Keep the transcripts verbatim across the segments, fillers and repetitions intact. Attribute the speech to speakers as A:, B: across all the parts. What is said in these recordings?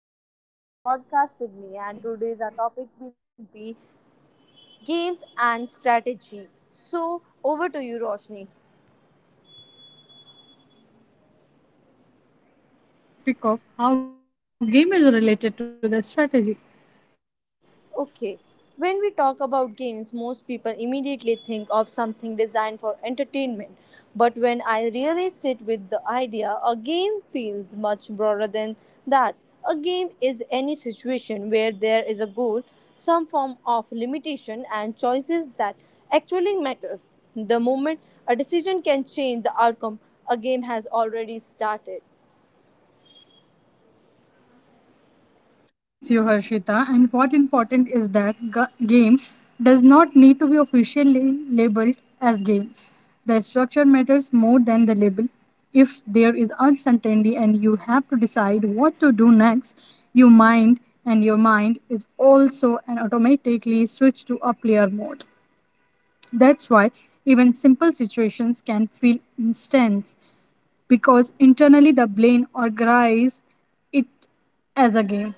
A: thank you for joining this podcast with me. And today's our topic will be games and strategy. So over to you, Roshni.
B: Hi, my name is Roshni. Today we will highlight the topic of how game is related to the strategy.
A: Okay, when we talk about games, most people immediately think of something designed for entertainment. But when I really sit with the idea, a game feels much broader than that. A game is any situation where there is a goal, some form of limitation, and choices that actually matter. The moment a decision can change the outcome, a game has already started.
B: I agree with you, Harshita. And what important is that g- game does not need to be officially labeled as game. The structure matters more than the label. If there is uncertainty and you have to decide what to do next, your mind and your mind is also an automatically switched to a player mode. That's why even simple situations can feel intense because internally the brain organizes it as a game.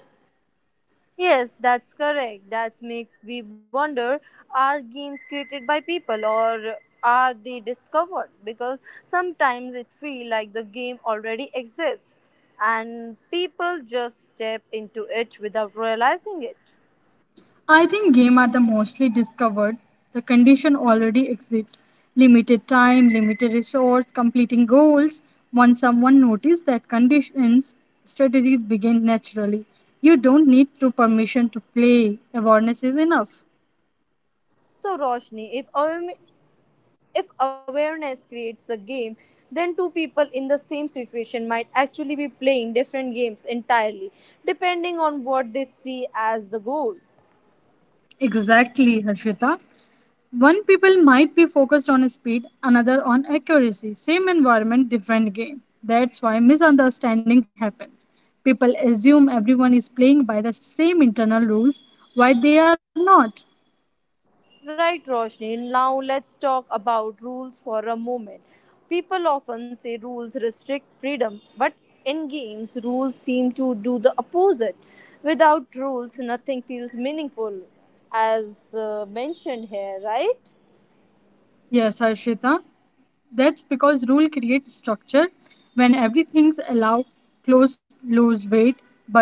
A: Yes, that's correct. That's make we wonder, are games created by people or are they discovered? Because sometimes it feel like the game already exists and people just step into it without realizing it.
B: I think game are the mostly discovered the condition already exists. Limited time, limited resource, completing goals. Once someone notices that conditions, strategies begin naturally. You don't need to permission to play. Awareness is enough.
A: So Roshni, if um, if awareness creates the game, then two people in the same situation might actually be playing different games entirely, depending on what they see as the goal.
B: Exactly, Harshita. One people might be focused on speed, another on accuracy. Same environment, different game. That's why misunderstanding happens. People assume everyone is playing by the same internal rules, why they are not.
A: Right, Roshni. Now let's talk about rules for a moment. People often say rules restrict freedom, but in games, rules seem to do the opposite. Without rules, nothing feels meaningful, as uh, mentioned here, right?
B: Yes, Harshita. That's because rule creates structure. When everything's allow, clothes lose weight, but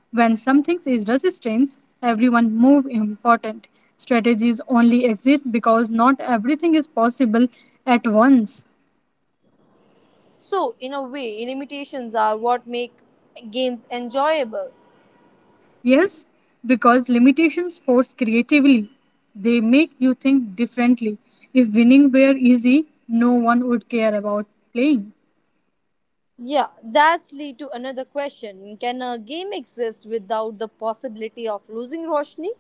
B: when something is resistance, everyone move important. Strategies only exist because not everything is possible at once.
A: So, in a way, limitations are what make games enjoyable.
B: Yes, because limitations force creatively. They make you think differently. If winning were easy, no one would care about playing.
A: Yeah, that's lead to another question. Can a game exist without the possibility of losing, Roshni?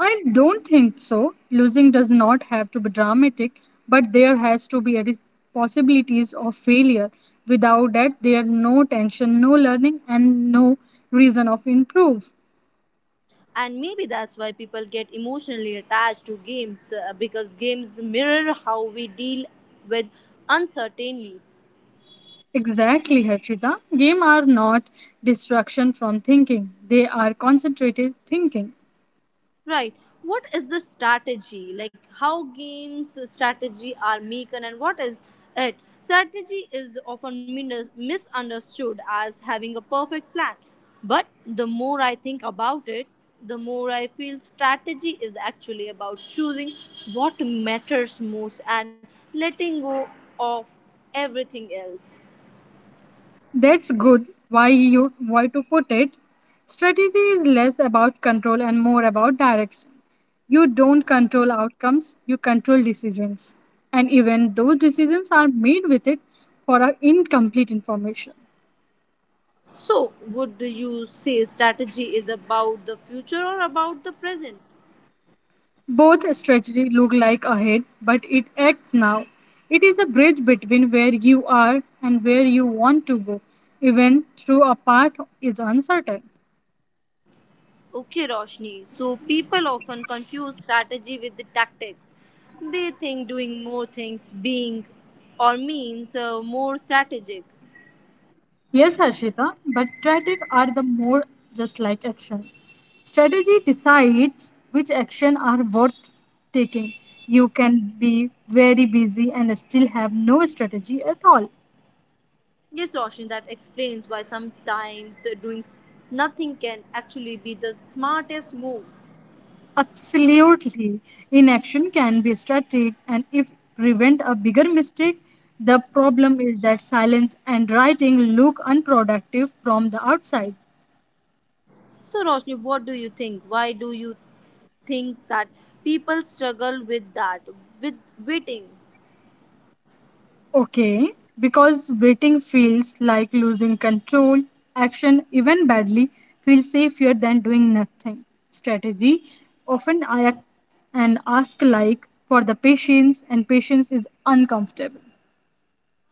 B: I don't think so. Losing does not have to be dramatic, but there has to be a re- possibilities of failure. Without that, there are no tension, no learning, and no reason of improve.
A: And maybe that's why people get emotionally attached to games, uh, because games mirror how we deal with uncertainty.
B: Exactly, Harshita. Game are not distraction from thinking; they are concentrated thinking.
A: Right. What is the strategy? Like how games strategy are making and what is it? Strategy is often min- misunderstood as having a perfect plan. But the more I think about it, the more I feel strategy is actually about choosing what matters most and letting go of everything else.
B: That's good why you why to put it. Strategy is less about control and more about direction. You don't control outcomes, you control decisions. And even those decisions are made with it for our incomplete information.
A: So, would you say strategy is about the future or about the present?
B: Both strategy look like ahead, but it acts now. It is a bridge between where you are and where you want to go, even though a path is uncertain.
A: Okay, Roshni. So people often confuse strategy with the tactics. They think doing more things being or means uh, more strategic.
B: Yes, Harshita, but strategies are the more just like action. Strategy decides which action are worth taking. You can be very busy and still have no strategy at all.
A: Yes, Roshni, that explains why sometimes uh, doing nothing can actually be the smartest move.
B: Absolutely. Inaction can be strategic and if prevent a bigger mistake, the problem is that silence and writing look unproductive from the outside.
A: So, Roshni, what do you think? Why do you think that people struggle with that, with waiting?
B: Okay, because waiting feels like losing control, action, even badly, feels safer than doing nothing. Strategy often acts and ask like for the patience, and patience is uncomfortable.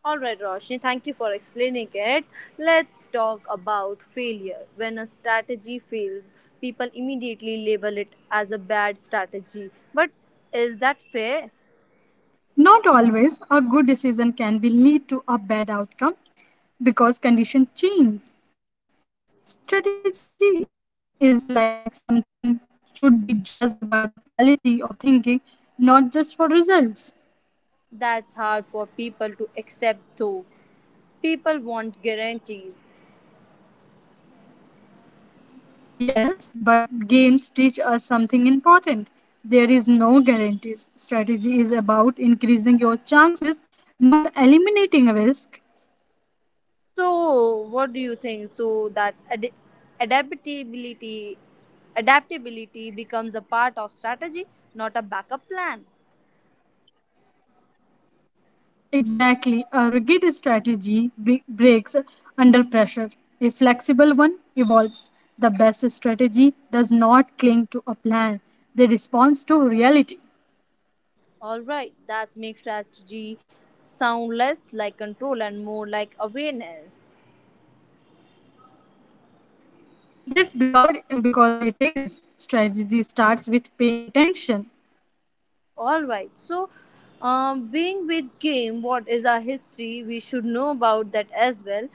A: All right, Roshni, thank you for explaining it. Let's talk about failure. When a strategy fails, people immediately label it as a bad strategy. But is that fair?
B: Not always a good decision can be lead to a bad outcome because conditions change. Strategy is like something should be judged by the quality of thinking, not just for results.
A: That's hard for people to accept, though. People want guarantees.
B: Yes, but games teach us something important. There is no guarantees. Strategy is about increasing your chances, not eliminating risk.
A: So, what do you think? So, that ad- adaptability adaptability becomes a part of strategy, not a backup plan.
B: Exactly, a rigid strategy be- breaks under pressure. A flexible one evolves. The best strategy does not cling to a plan. They respond to reality.
A: All right, that makes strategy sound less like control and more like awareness.
B: That's because because it is strategy starts with paying attention.
A: All right, so Uh, being with game, what is our history? We should know about that as well.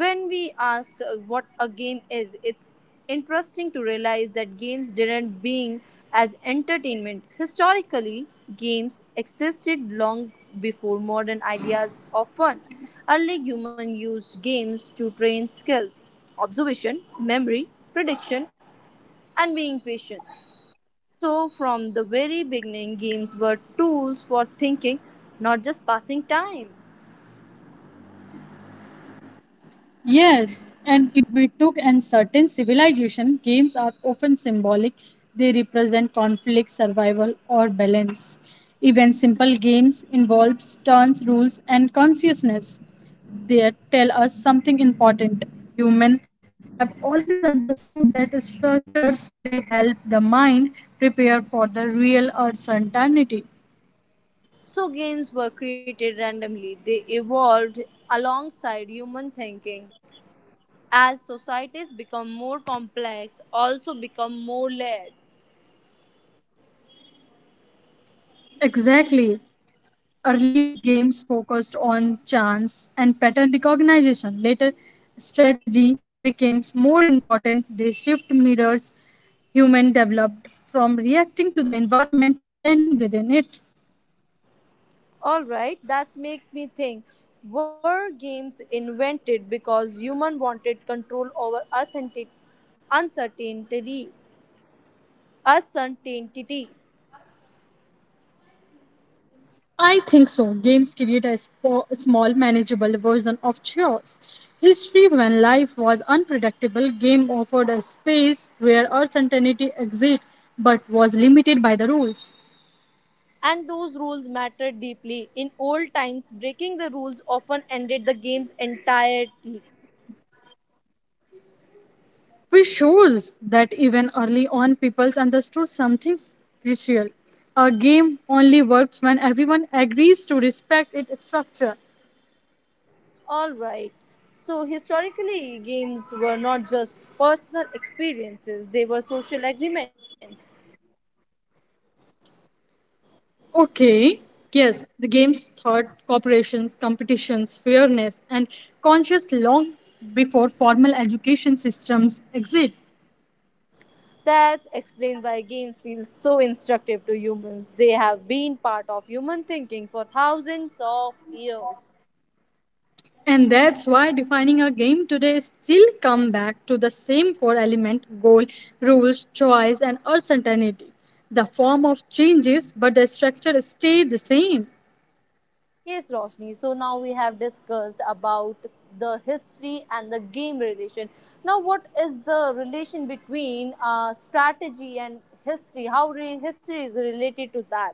A: When we ask uh, what a game is, it's interesting to realize that games didn't being as entertainment. Historically, games existed long before modern ideas of fun. Early humans used games to train skills, observation, memory, prediction, and being patient. So, from the very beginning, games were tools for thinking, not just passing time.
B: Yes, and if we took and certain civilization, games are often symbolic. They represent conflict, survival, or balance. Even simple games involve turns, rules, and consciousness. They tell us something important. Humans have always understood that structures play help the mind prepare for the real uncertainty.
A: So, games were created randomly, they evolved alongside human thinking. As societies become more complex, also become more layered.
B: Exactly. Early games focused on chance and pattern recognition. Later, strategy became more important. They shift mirrors human developed from reacting to the environment to planning within it.
A: Alright, that's make me think. Were games invented because human wanted control over uncertain- uncertainty? Uncertainty.
B: I think so. Games create a spo- small, manageable version of chores. History, when life was unpredictable, game offered a space where uncertainty existed but was limited by the rules.
A: And those rules mattered deeply. In old times, breaking the rules often ended the game's entirely.
B: Which shows that even early on people understood something crucial. A game only works when everyone agrees to respect its structure.
A: Alright, so historically, games were not just personal experiences, they were social agreements.
B: Okay, yes, the games taught corporations, competitions, fairness, and conscious long before formal education systems exist.
A: That explains why games feel so instructive to humans. They have been part of human thinking for thousands of years.
B: And that's why defining a game today still come back to the same core element goal, rules, choice and uncertainty. The form of changes but the structure stay the same.
A: Yes, Roshni. So now we have discussed about the history and the game relation. Now, what is the relation between uh, strategy and history? How re- history is related to that?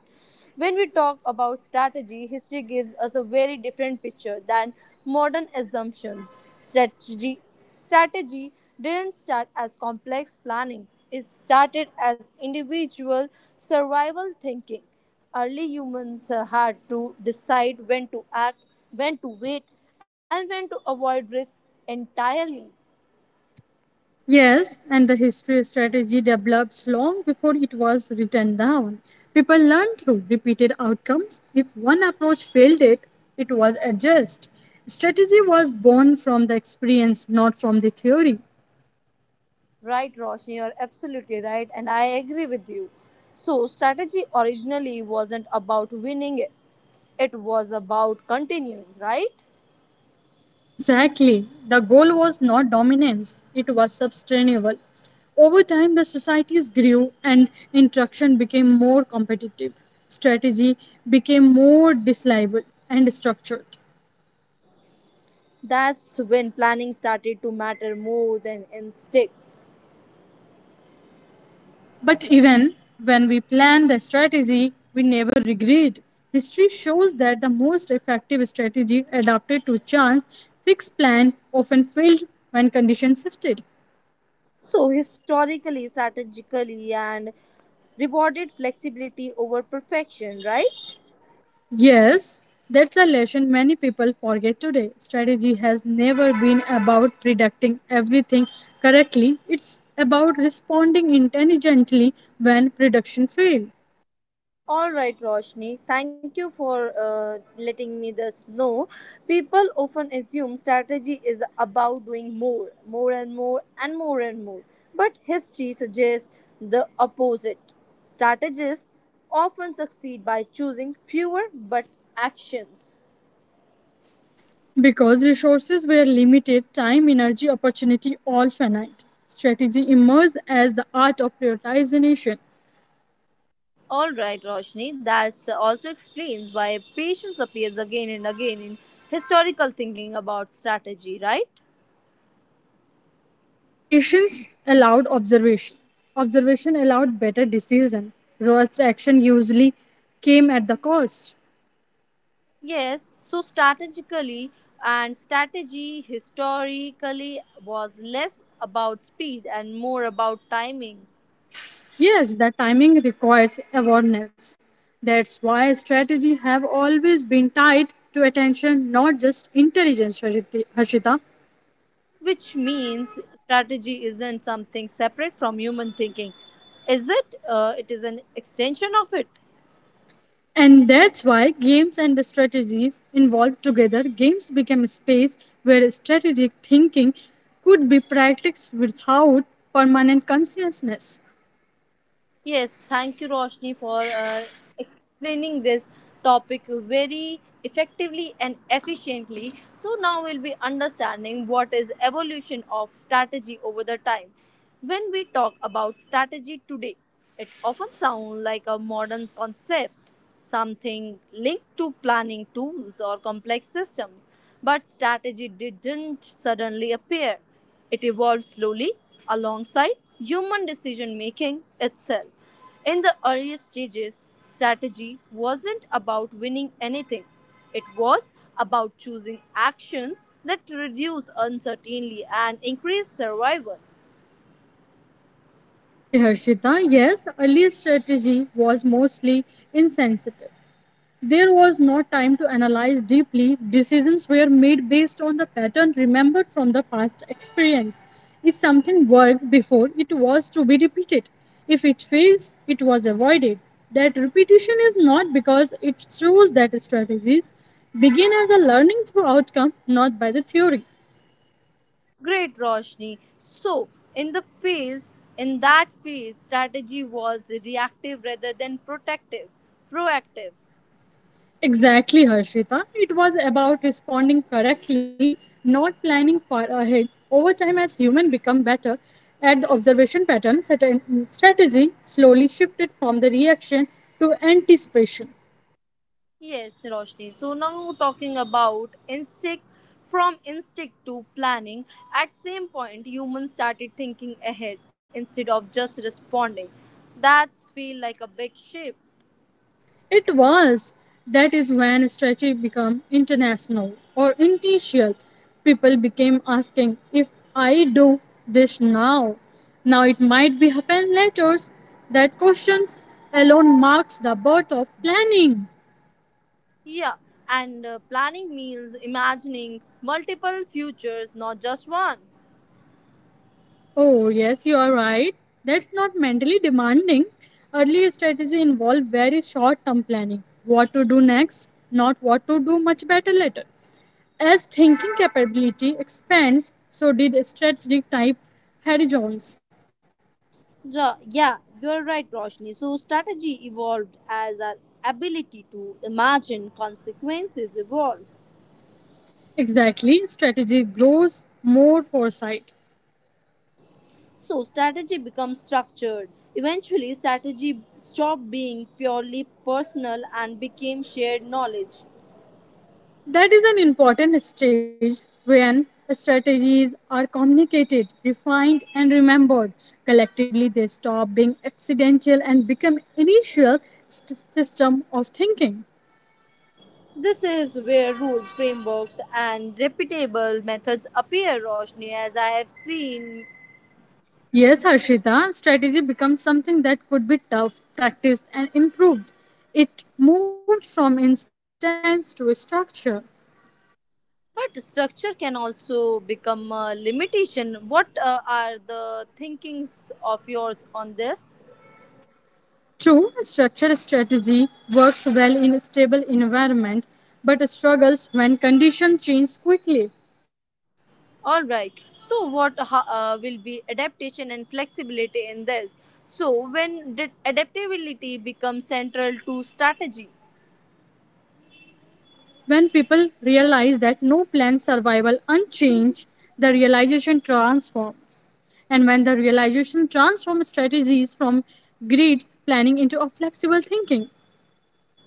A: When we talk about strategy, history gives us a very different picture than modern assumptions. Strategy, strategy didn't start as complex planning. It started as individual survival thinking. Early humans uh, had to decide when to act, when to wait, and when to avoid risk entirely.
B: Yes, and the history strategy develops long before it was written down. People learn through repeated outcomes. If one approach failed it, it was adjusted. Strategy was born from the experience, not from the theory.
A: Right, Roshni, you're absolutely right, and I agree with you. So, strategy originally wasn't about winning it, it was about continuing, right?
B: Exactly. The goal was not dominance, it was sustainable. Over time, the societies grew and interaction became more competitive. Strategy became more disliable and structured.
A: That's when planning started to matter more than instinct.
B: But even when we plan the strategy, we never regret. History shows that the most effective strategy adapted to chance, fixed plan often failed when conditions shifted.
A: So, historically, strategically, and rewarded flexibility over perfection, right?
B: Yes, that's a lesson many people forget today. Strategy has never been about predicting everything correctly, it's about responding intelligently when production failed.
A: All right, Roshni. Thank you for uh, letting me this know. People often assume strategy is about doing more, more and more, and more and more. But history suggests the opposite. Strategists often succeed by choosing fewer but actions.
B: Because resources were limited, time, energy, opportunity, all finite. Strategy emerged as the art of prioritization.
A: All right, Roshni. That also explains why patience appears again and again in historical thinking about strategy, right?
B: Patience allowed observation. Observation allowed better decision. Robust action usually came at the cost.
A: Yes, so strategically and strategy historically was less about speed and more about timing,
B: Yes, the timing requires awareness. That's why strategy have always been tied to attention, not just intelligence, Harshit- Harshita.
A: which means strategy isn't something separate from human thinking. Is it? Uh, it is an extension of it.
B: And that's why games and the strategies involved together, games became a space where strategic thinking could be practiced without permanent consciousness.
A: Yes, thank you, Roshni, for uh, explaining this topic very effectively and efficiently. So, now we'll be understanding what is evolution of strategy over the time. When we talk about strategy today, it often sounds like a modern concept, something linked to planning tools or complex systems. But strategy didn't suddenly appear, it evolved slowly alongside human decision making itself. In the earlier stages, strategy wasn't about winning anything, it was about choosing actions that reduce uncertainty and increase survival.
B: Okay, Harshita, yes, early strategy was mostly insensitive. There was no time to analyze deeply. Decisions were made based on the pattern remembered from the past experience. If something worked before, it was to be repeated. If it fails, it was avoided. That repetition is not because it shows that strategies begin as a learning through outcome, not by the theory.
A: Great Roshni. So, in the phase, in that phase, strategy was reactive rather than protective, proactive.
B: Exactly, Harshita. It was about responding correctly, not planning far ahead. Over time, as humans become better at the observation patterns, at an- strategy slowly shifted from the reaction to anticipation.
A: Yes, Roshni. So now talking about instinct from instinct to planning. At same point, humans started thinking ahead instead of just responding. That's feel like a big shift.
B: It was that is when strategy became international or intuitional. People became asking, if I do this now, now it might be happen later. That questions alone marks the birth of planning.
A: Yeah, and uh, planning means imagining multiple futures, not just one.
B: Oh, yes, you are right. That's not mentally demanding. Early strategy involve very short-term planning. What to do next, not what to do much better later. As thinking capability expands, so did strategic type horizons.
A: Ra- Yeah, you're right, Roshni. So, strategy evolved as our ability to imagine consequences evolved.
B: Exactly, strategy grows more foresight.
A: So strategy becomes structured. Eventually, strategy stopped being purely personal and became shared knowledge.
B: That is an important stage when strategies are communicated, refined, and remembered. Collectively, they stop being accidental and become initial st- system of thinking.
A: This is where rules, frameworks, and reputable methods appear, Roshni, as I have seen.
B: Yes, Harshita, strategy becomes something that could be tough, practiced, and improved. It moved from instance to structure.
A: But structure can also become a limitation. What uh, are the thinkings of yours on this?
B: True, structure strategy works well in a stable environment, but struggles when conditions change quickly.
A: All right. So, what ho- uh, will be adaptation and flexibility in this? So, when did adaptability become central to strategy?
B: When people realize that no plan survival unchanged, the realization transforms. And when the realization transforms strategies from greed planning into a flexible thinking.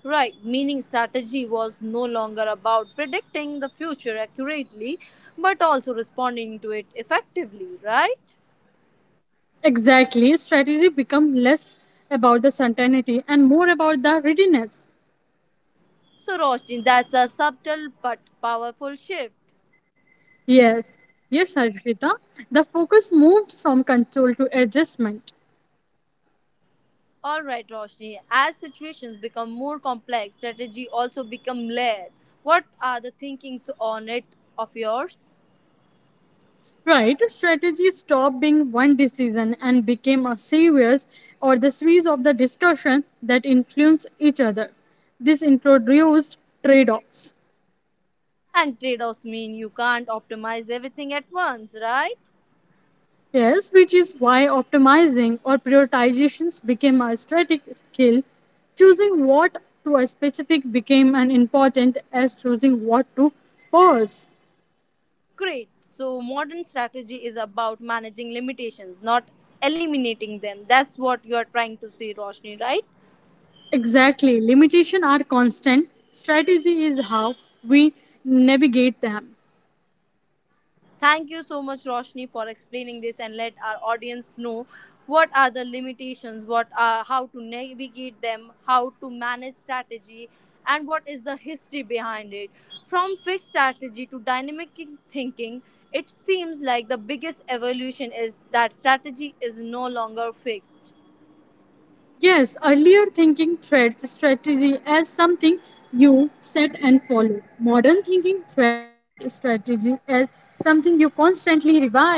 A: Right, meaning strategy was no longer about predicting the future accurately, but also responding to it effectively, right?
B: Exactly, strategy become less about the certainty and more about the readiness.
A: So, Roshni, that's a subtle but powerful shift.
B: Yes, yes, Arpita. The focus moved from control to adjustment.
A: All right, Roshni, as situations become more complex, strategy also become layered. What are the thinkings on it of yours?
B: Right, strategy stopped being one decision and became a series or the series of the discussion that influence each other. This introduced trade-offs.
A: And trade offs mean you can't optimize everything at once, right?
B: Yes, which is why optimizing or prioritizations became a strategic skill. Choosing what to a specific became as important as choosing what to pause.
A: Great. So, modern strategy is about managing limitations, not eliminating them. That's what you are trying to say, Roshni, right?
B: Exactly, limitations are constant. Strategy is how we navigate them.
A: Thank you so much, Roshni, for explaining this and let our audience know what are the limitations, what are how to navigate them, how to manage strategy, and what is the history behind it. From fixed strategy to dynamic thinking, it seems like the biggest evolution is that strategy is no longer fixed,
B: Yes, earlier thinking threads strategy as something you set and follow. Modern thinking threads strategy as something you constantly revive.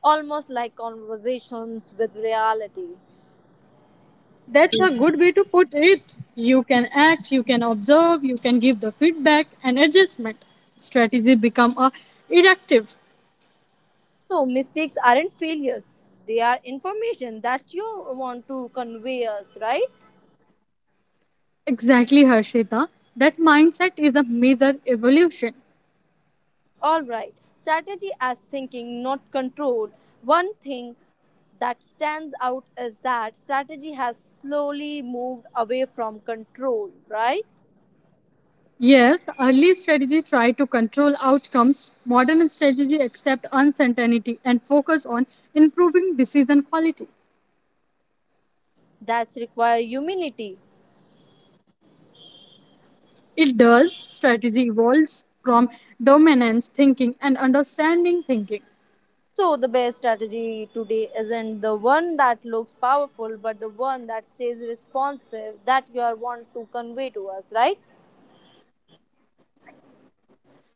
A: almost like conversations with reality.
B: That's a good way to put it. You can act, you can observe, you can give the feedback and adjustment. Strategy become a reactive.
A: So mistakes aren't failures; they are information that you want to convey us, right?
B: Exactly, Harshita. That mindset is a major evolution.
A: Alright, strategy as thinking, not control. One thing that stands out is that strategy has slowly moved away from control, right?
B: Yes, early strategy try to control outcomes, modern strategy accept uncertainty and focus on improving decision quality.
A: That's require humility.
B: It does, strategy evolves from dominance thinking and understanding thinking.
A: So the best strategy today isn't the one that looks powerful, but the one that stays responsive that you are want to convey to us, right?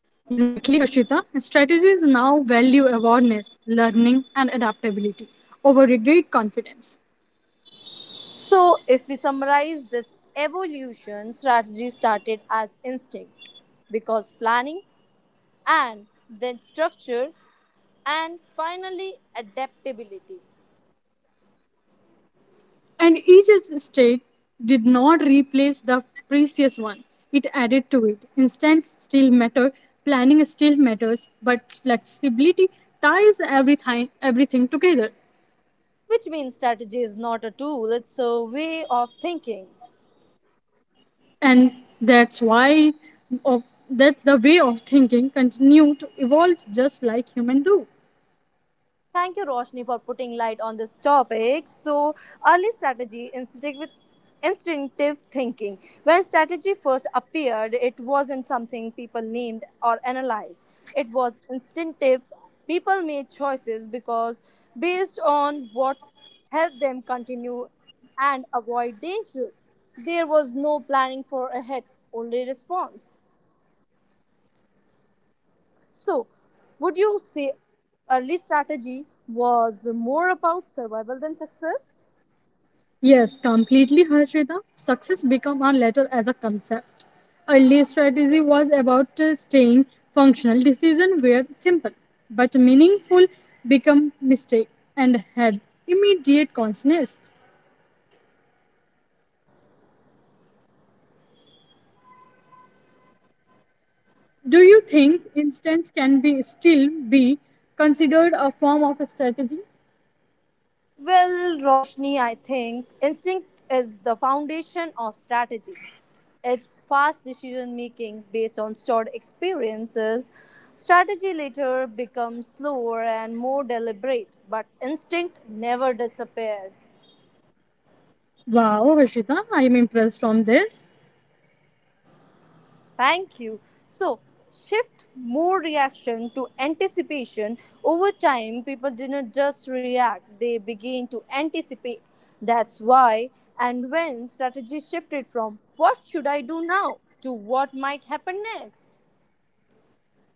B: Exactly, Harshita. Strategies now value awareness, learning, and adaptability over regret confidence.
A: So if we summarize this evolution, strategy started as instinct because planning and then structure, and finally adaptability,
B: And each state did not replace the previous one. It added to it. Instance still matter, planning still matters, but flexibility ties everything everything together.
A: which means strategy is not a tool, it's a way of thinking.
B: And that's why of that's the way of thinking continue to evolve just like human do.
A: Thank you, Roshni, for putting light on this topic. So, early strategy instinct with instinctive thinking. When strategy first appeared, it wasn't something people named or analyzed. It was instinctive. People made choices because based on what helped them continue and avoid danger. There was no planning for a hit, only response. So, would you say early strategy was more about survival than success?
B: Yes, completely, Harshita. Success became a letter as a concept. Early strategy was about uh, staying functional. Decisions were simple but meaningful. Become mistake and had immediate consequences. Do you think instance can be still be considered a form of a strategy?
A: Well, Roshni, I think instinct is the foundation of strategy. It's fast decision making based on stored experiences. Strategy later becomes slower and more deliberate, but instinct never disappears.
B: Wow, Harshita, I am impressed from this.
A: Thank you. So, shift more reaction to anticipation. Over time, people do not just react, they begin to anticipate. That's why and when strategy shifted from what should I do now to what might happen next.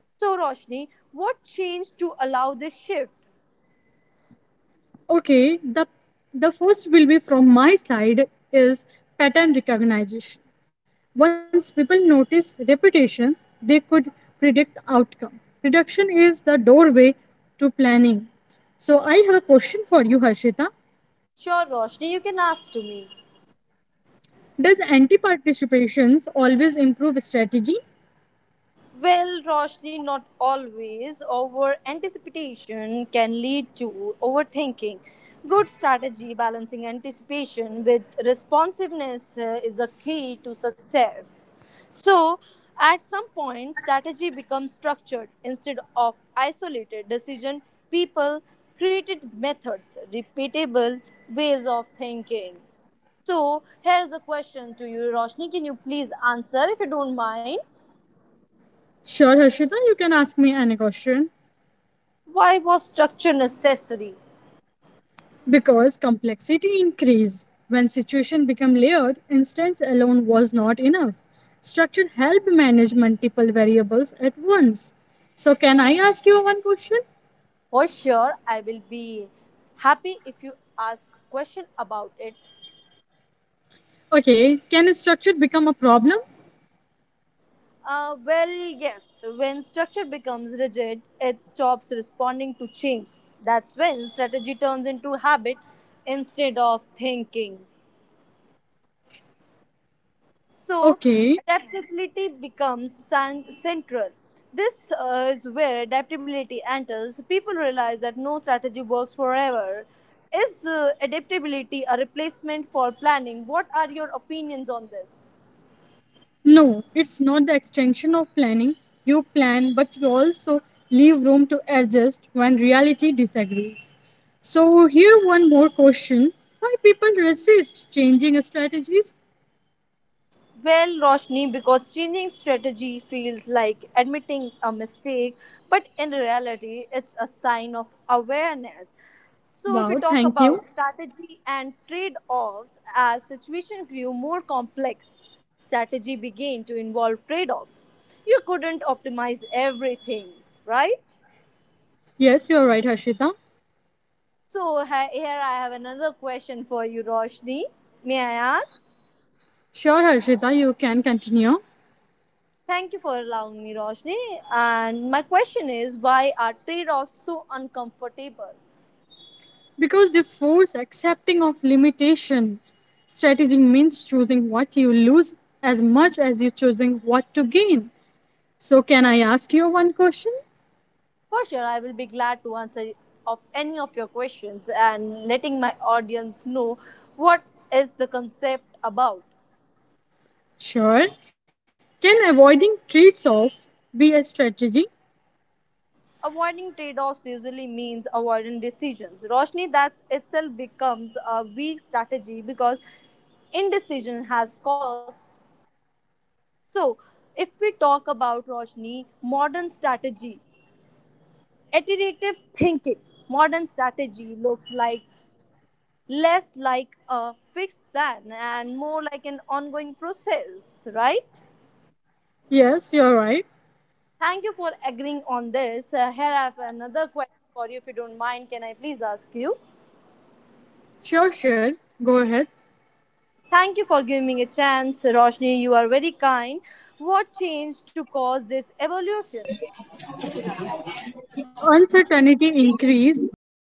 A: So, Roshni, what changed to allow this shift?
B: Okay, the the first will be from my side is pattern recognition. Once people notice repetition, they could predict outcome. Prediction is the doorway to planning. So I have a question for you, Harshita.
A: Sure, Roshni, you can ask to me.
B: Does anti-participations always improve strategy?
A: Well, Roshni, not always. Over anticipation can lead to overthinking. Good strategy, balancing anticipation with responsiveness uh, is a key to success. So, at some point, strategy becomes structured instead of isolated decision. People created methods, repeatable ways of thinking. So, here is a question to you, Roshni. Can you please answer if you don't mind?
B: Sure, Harshita, you can ask me any question.
A: Why was structure necessary?
B: Because complexity increased when situation became layered instance alone was not enough structure helped manage multiple variables at once. So can I ask you one question?
A: For sure, I will be happy if you ask question about it.
B: Okay, can a structure become a problem?
A: Uh, well, yes, when structure becomes rigid, it stops responding to change. That's when strategy turns into habit instead of thinking. So,
B: Okay,
A: adaptability becomes cen- central. This uh, is where adaptability enters. People realize that no strategy works forever. Is uh, adaptability a replacement for planning? What are your opinions on this?
B: no, it's not the extension of planning. You plan, but you also leave room to adjust when reality disagrees. So here one more question, why people resist changing strategies?
A: Well, Roshni, because changing strategy feels like admitting a mistake, but in reality, it's a sign of awareness. So, if we
B: Wow,
A: talk
B: thank you.
A: about strategy and trade offs, as situation grew more complex, strategy began to involve trade offs. You couldn't optimize everything, right?
B: Yes, you're right, Harshita.
A: So, ha- here I have another question for you, Roshni. May I ask?
B: Sure, Harshita, you can continue.
A: Thank you for allowing me, Roshni. And my question is why are trade offs so uncomfortable?
B: Because the force accepting of limitation strategy means choosing what you lose as much as you choosing what to gain. So, can I ask you one question?
A: For sure, I will be glad to answer of any of your questions and letting my audience know what is the concept about.
B: Sure. Can avoiding trade offs be a strategy?
A: Avoiding trade offs usually means avoiding decisions. Roshni, that itself becomes a weak strategy because indecision has costs. So, if we talk about Roshni, modern strategy, Iterative thinking. Modern strategy looks like less like a fixed plan and more like an ongoing process, right?
B: Yes, you're right.
A: Thank you for agreeing on this. Uh, here I have another question for you, if you don't mind. Can I please ask you?
B: Sure, sure. Go ahead.
A: Thank you for giving me a chance, Roshni. You are very kind. What changed to cause this evolution?
B: Uncertainty increase when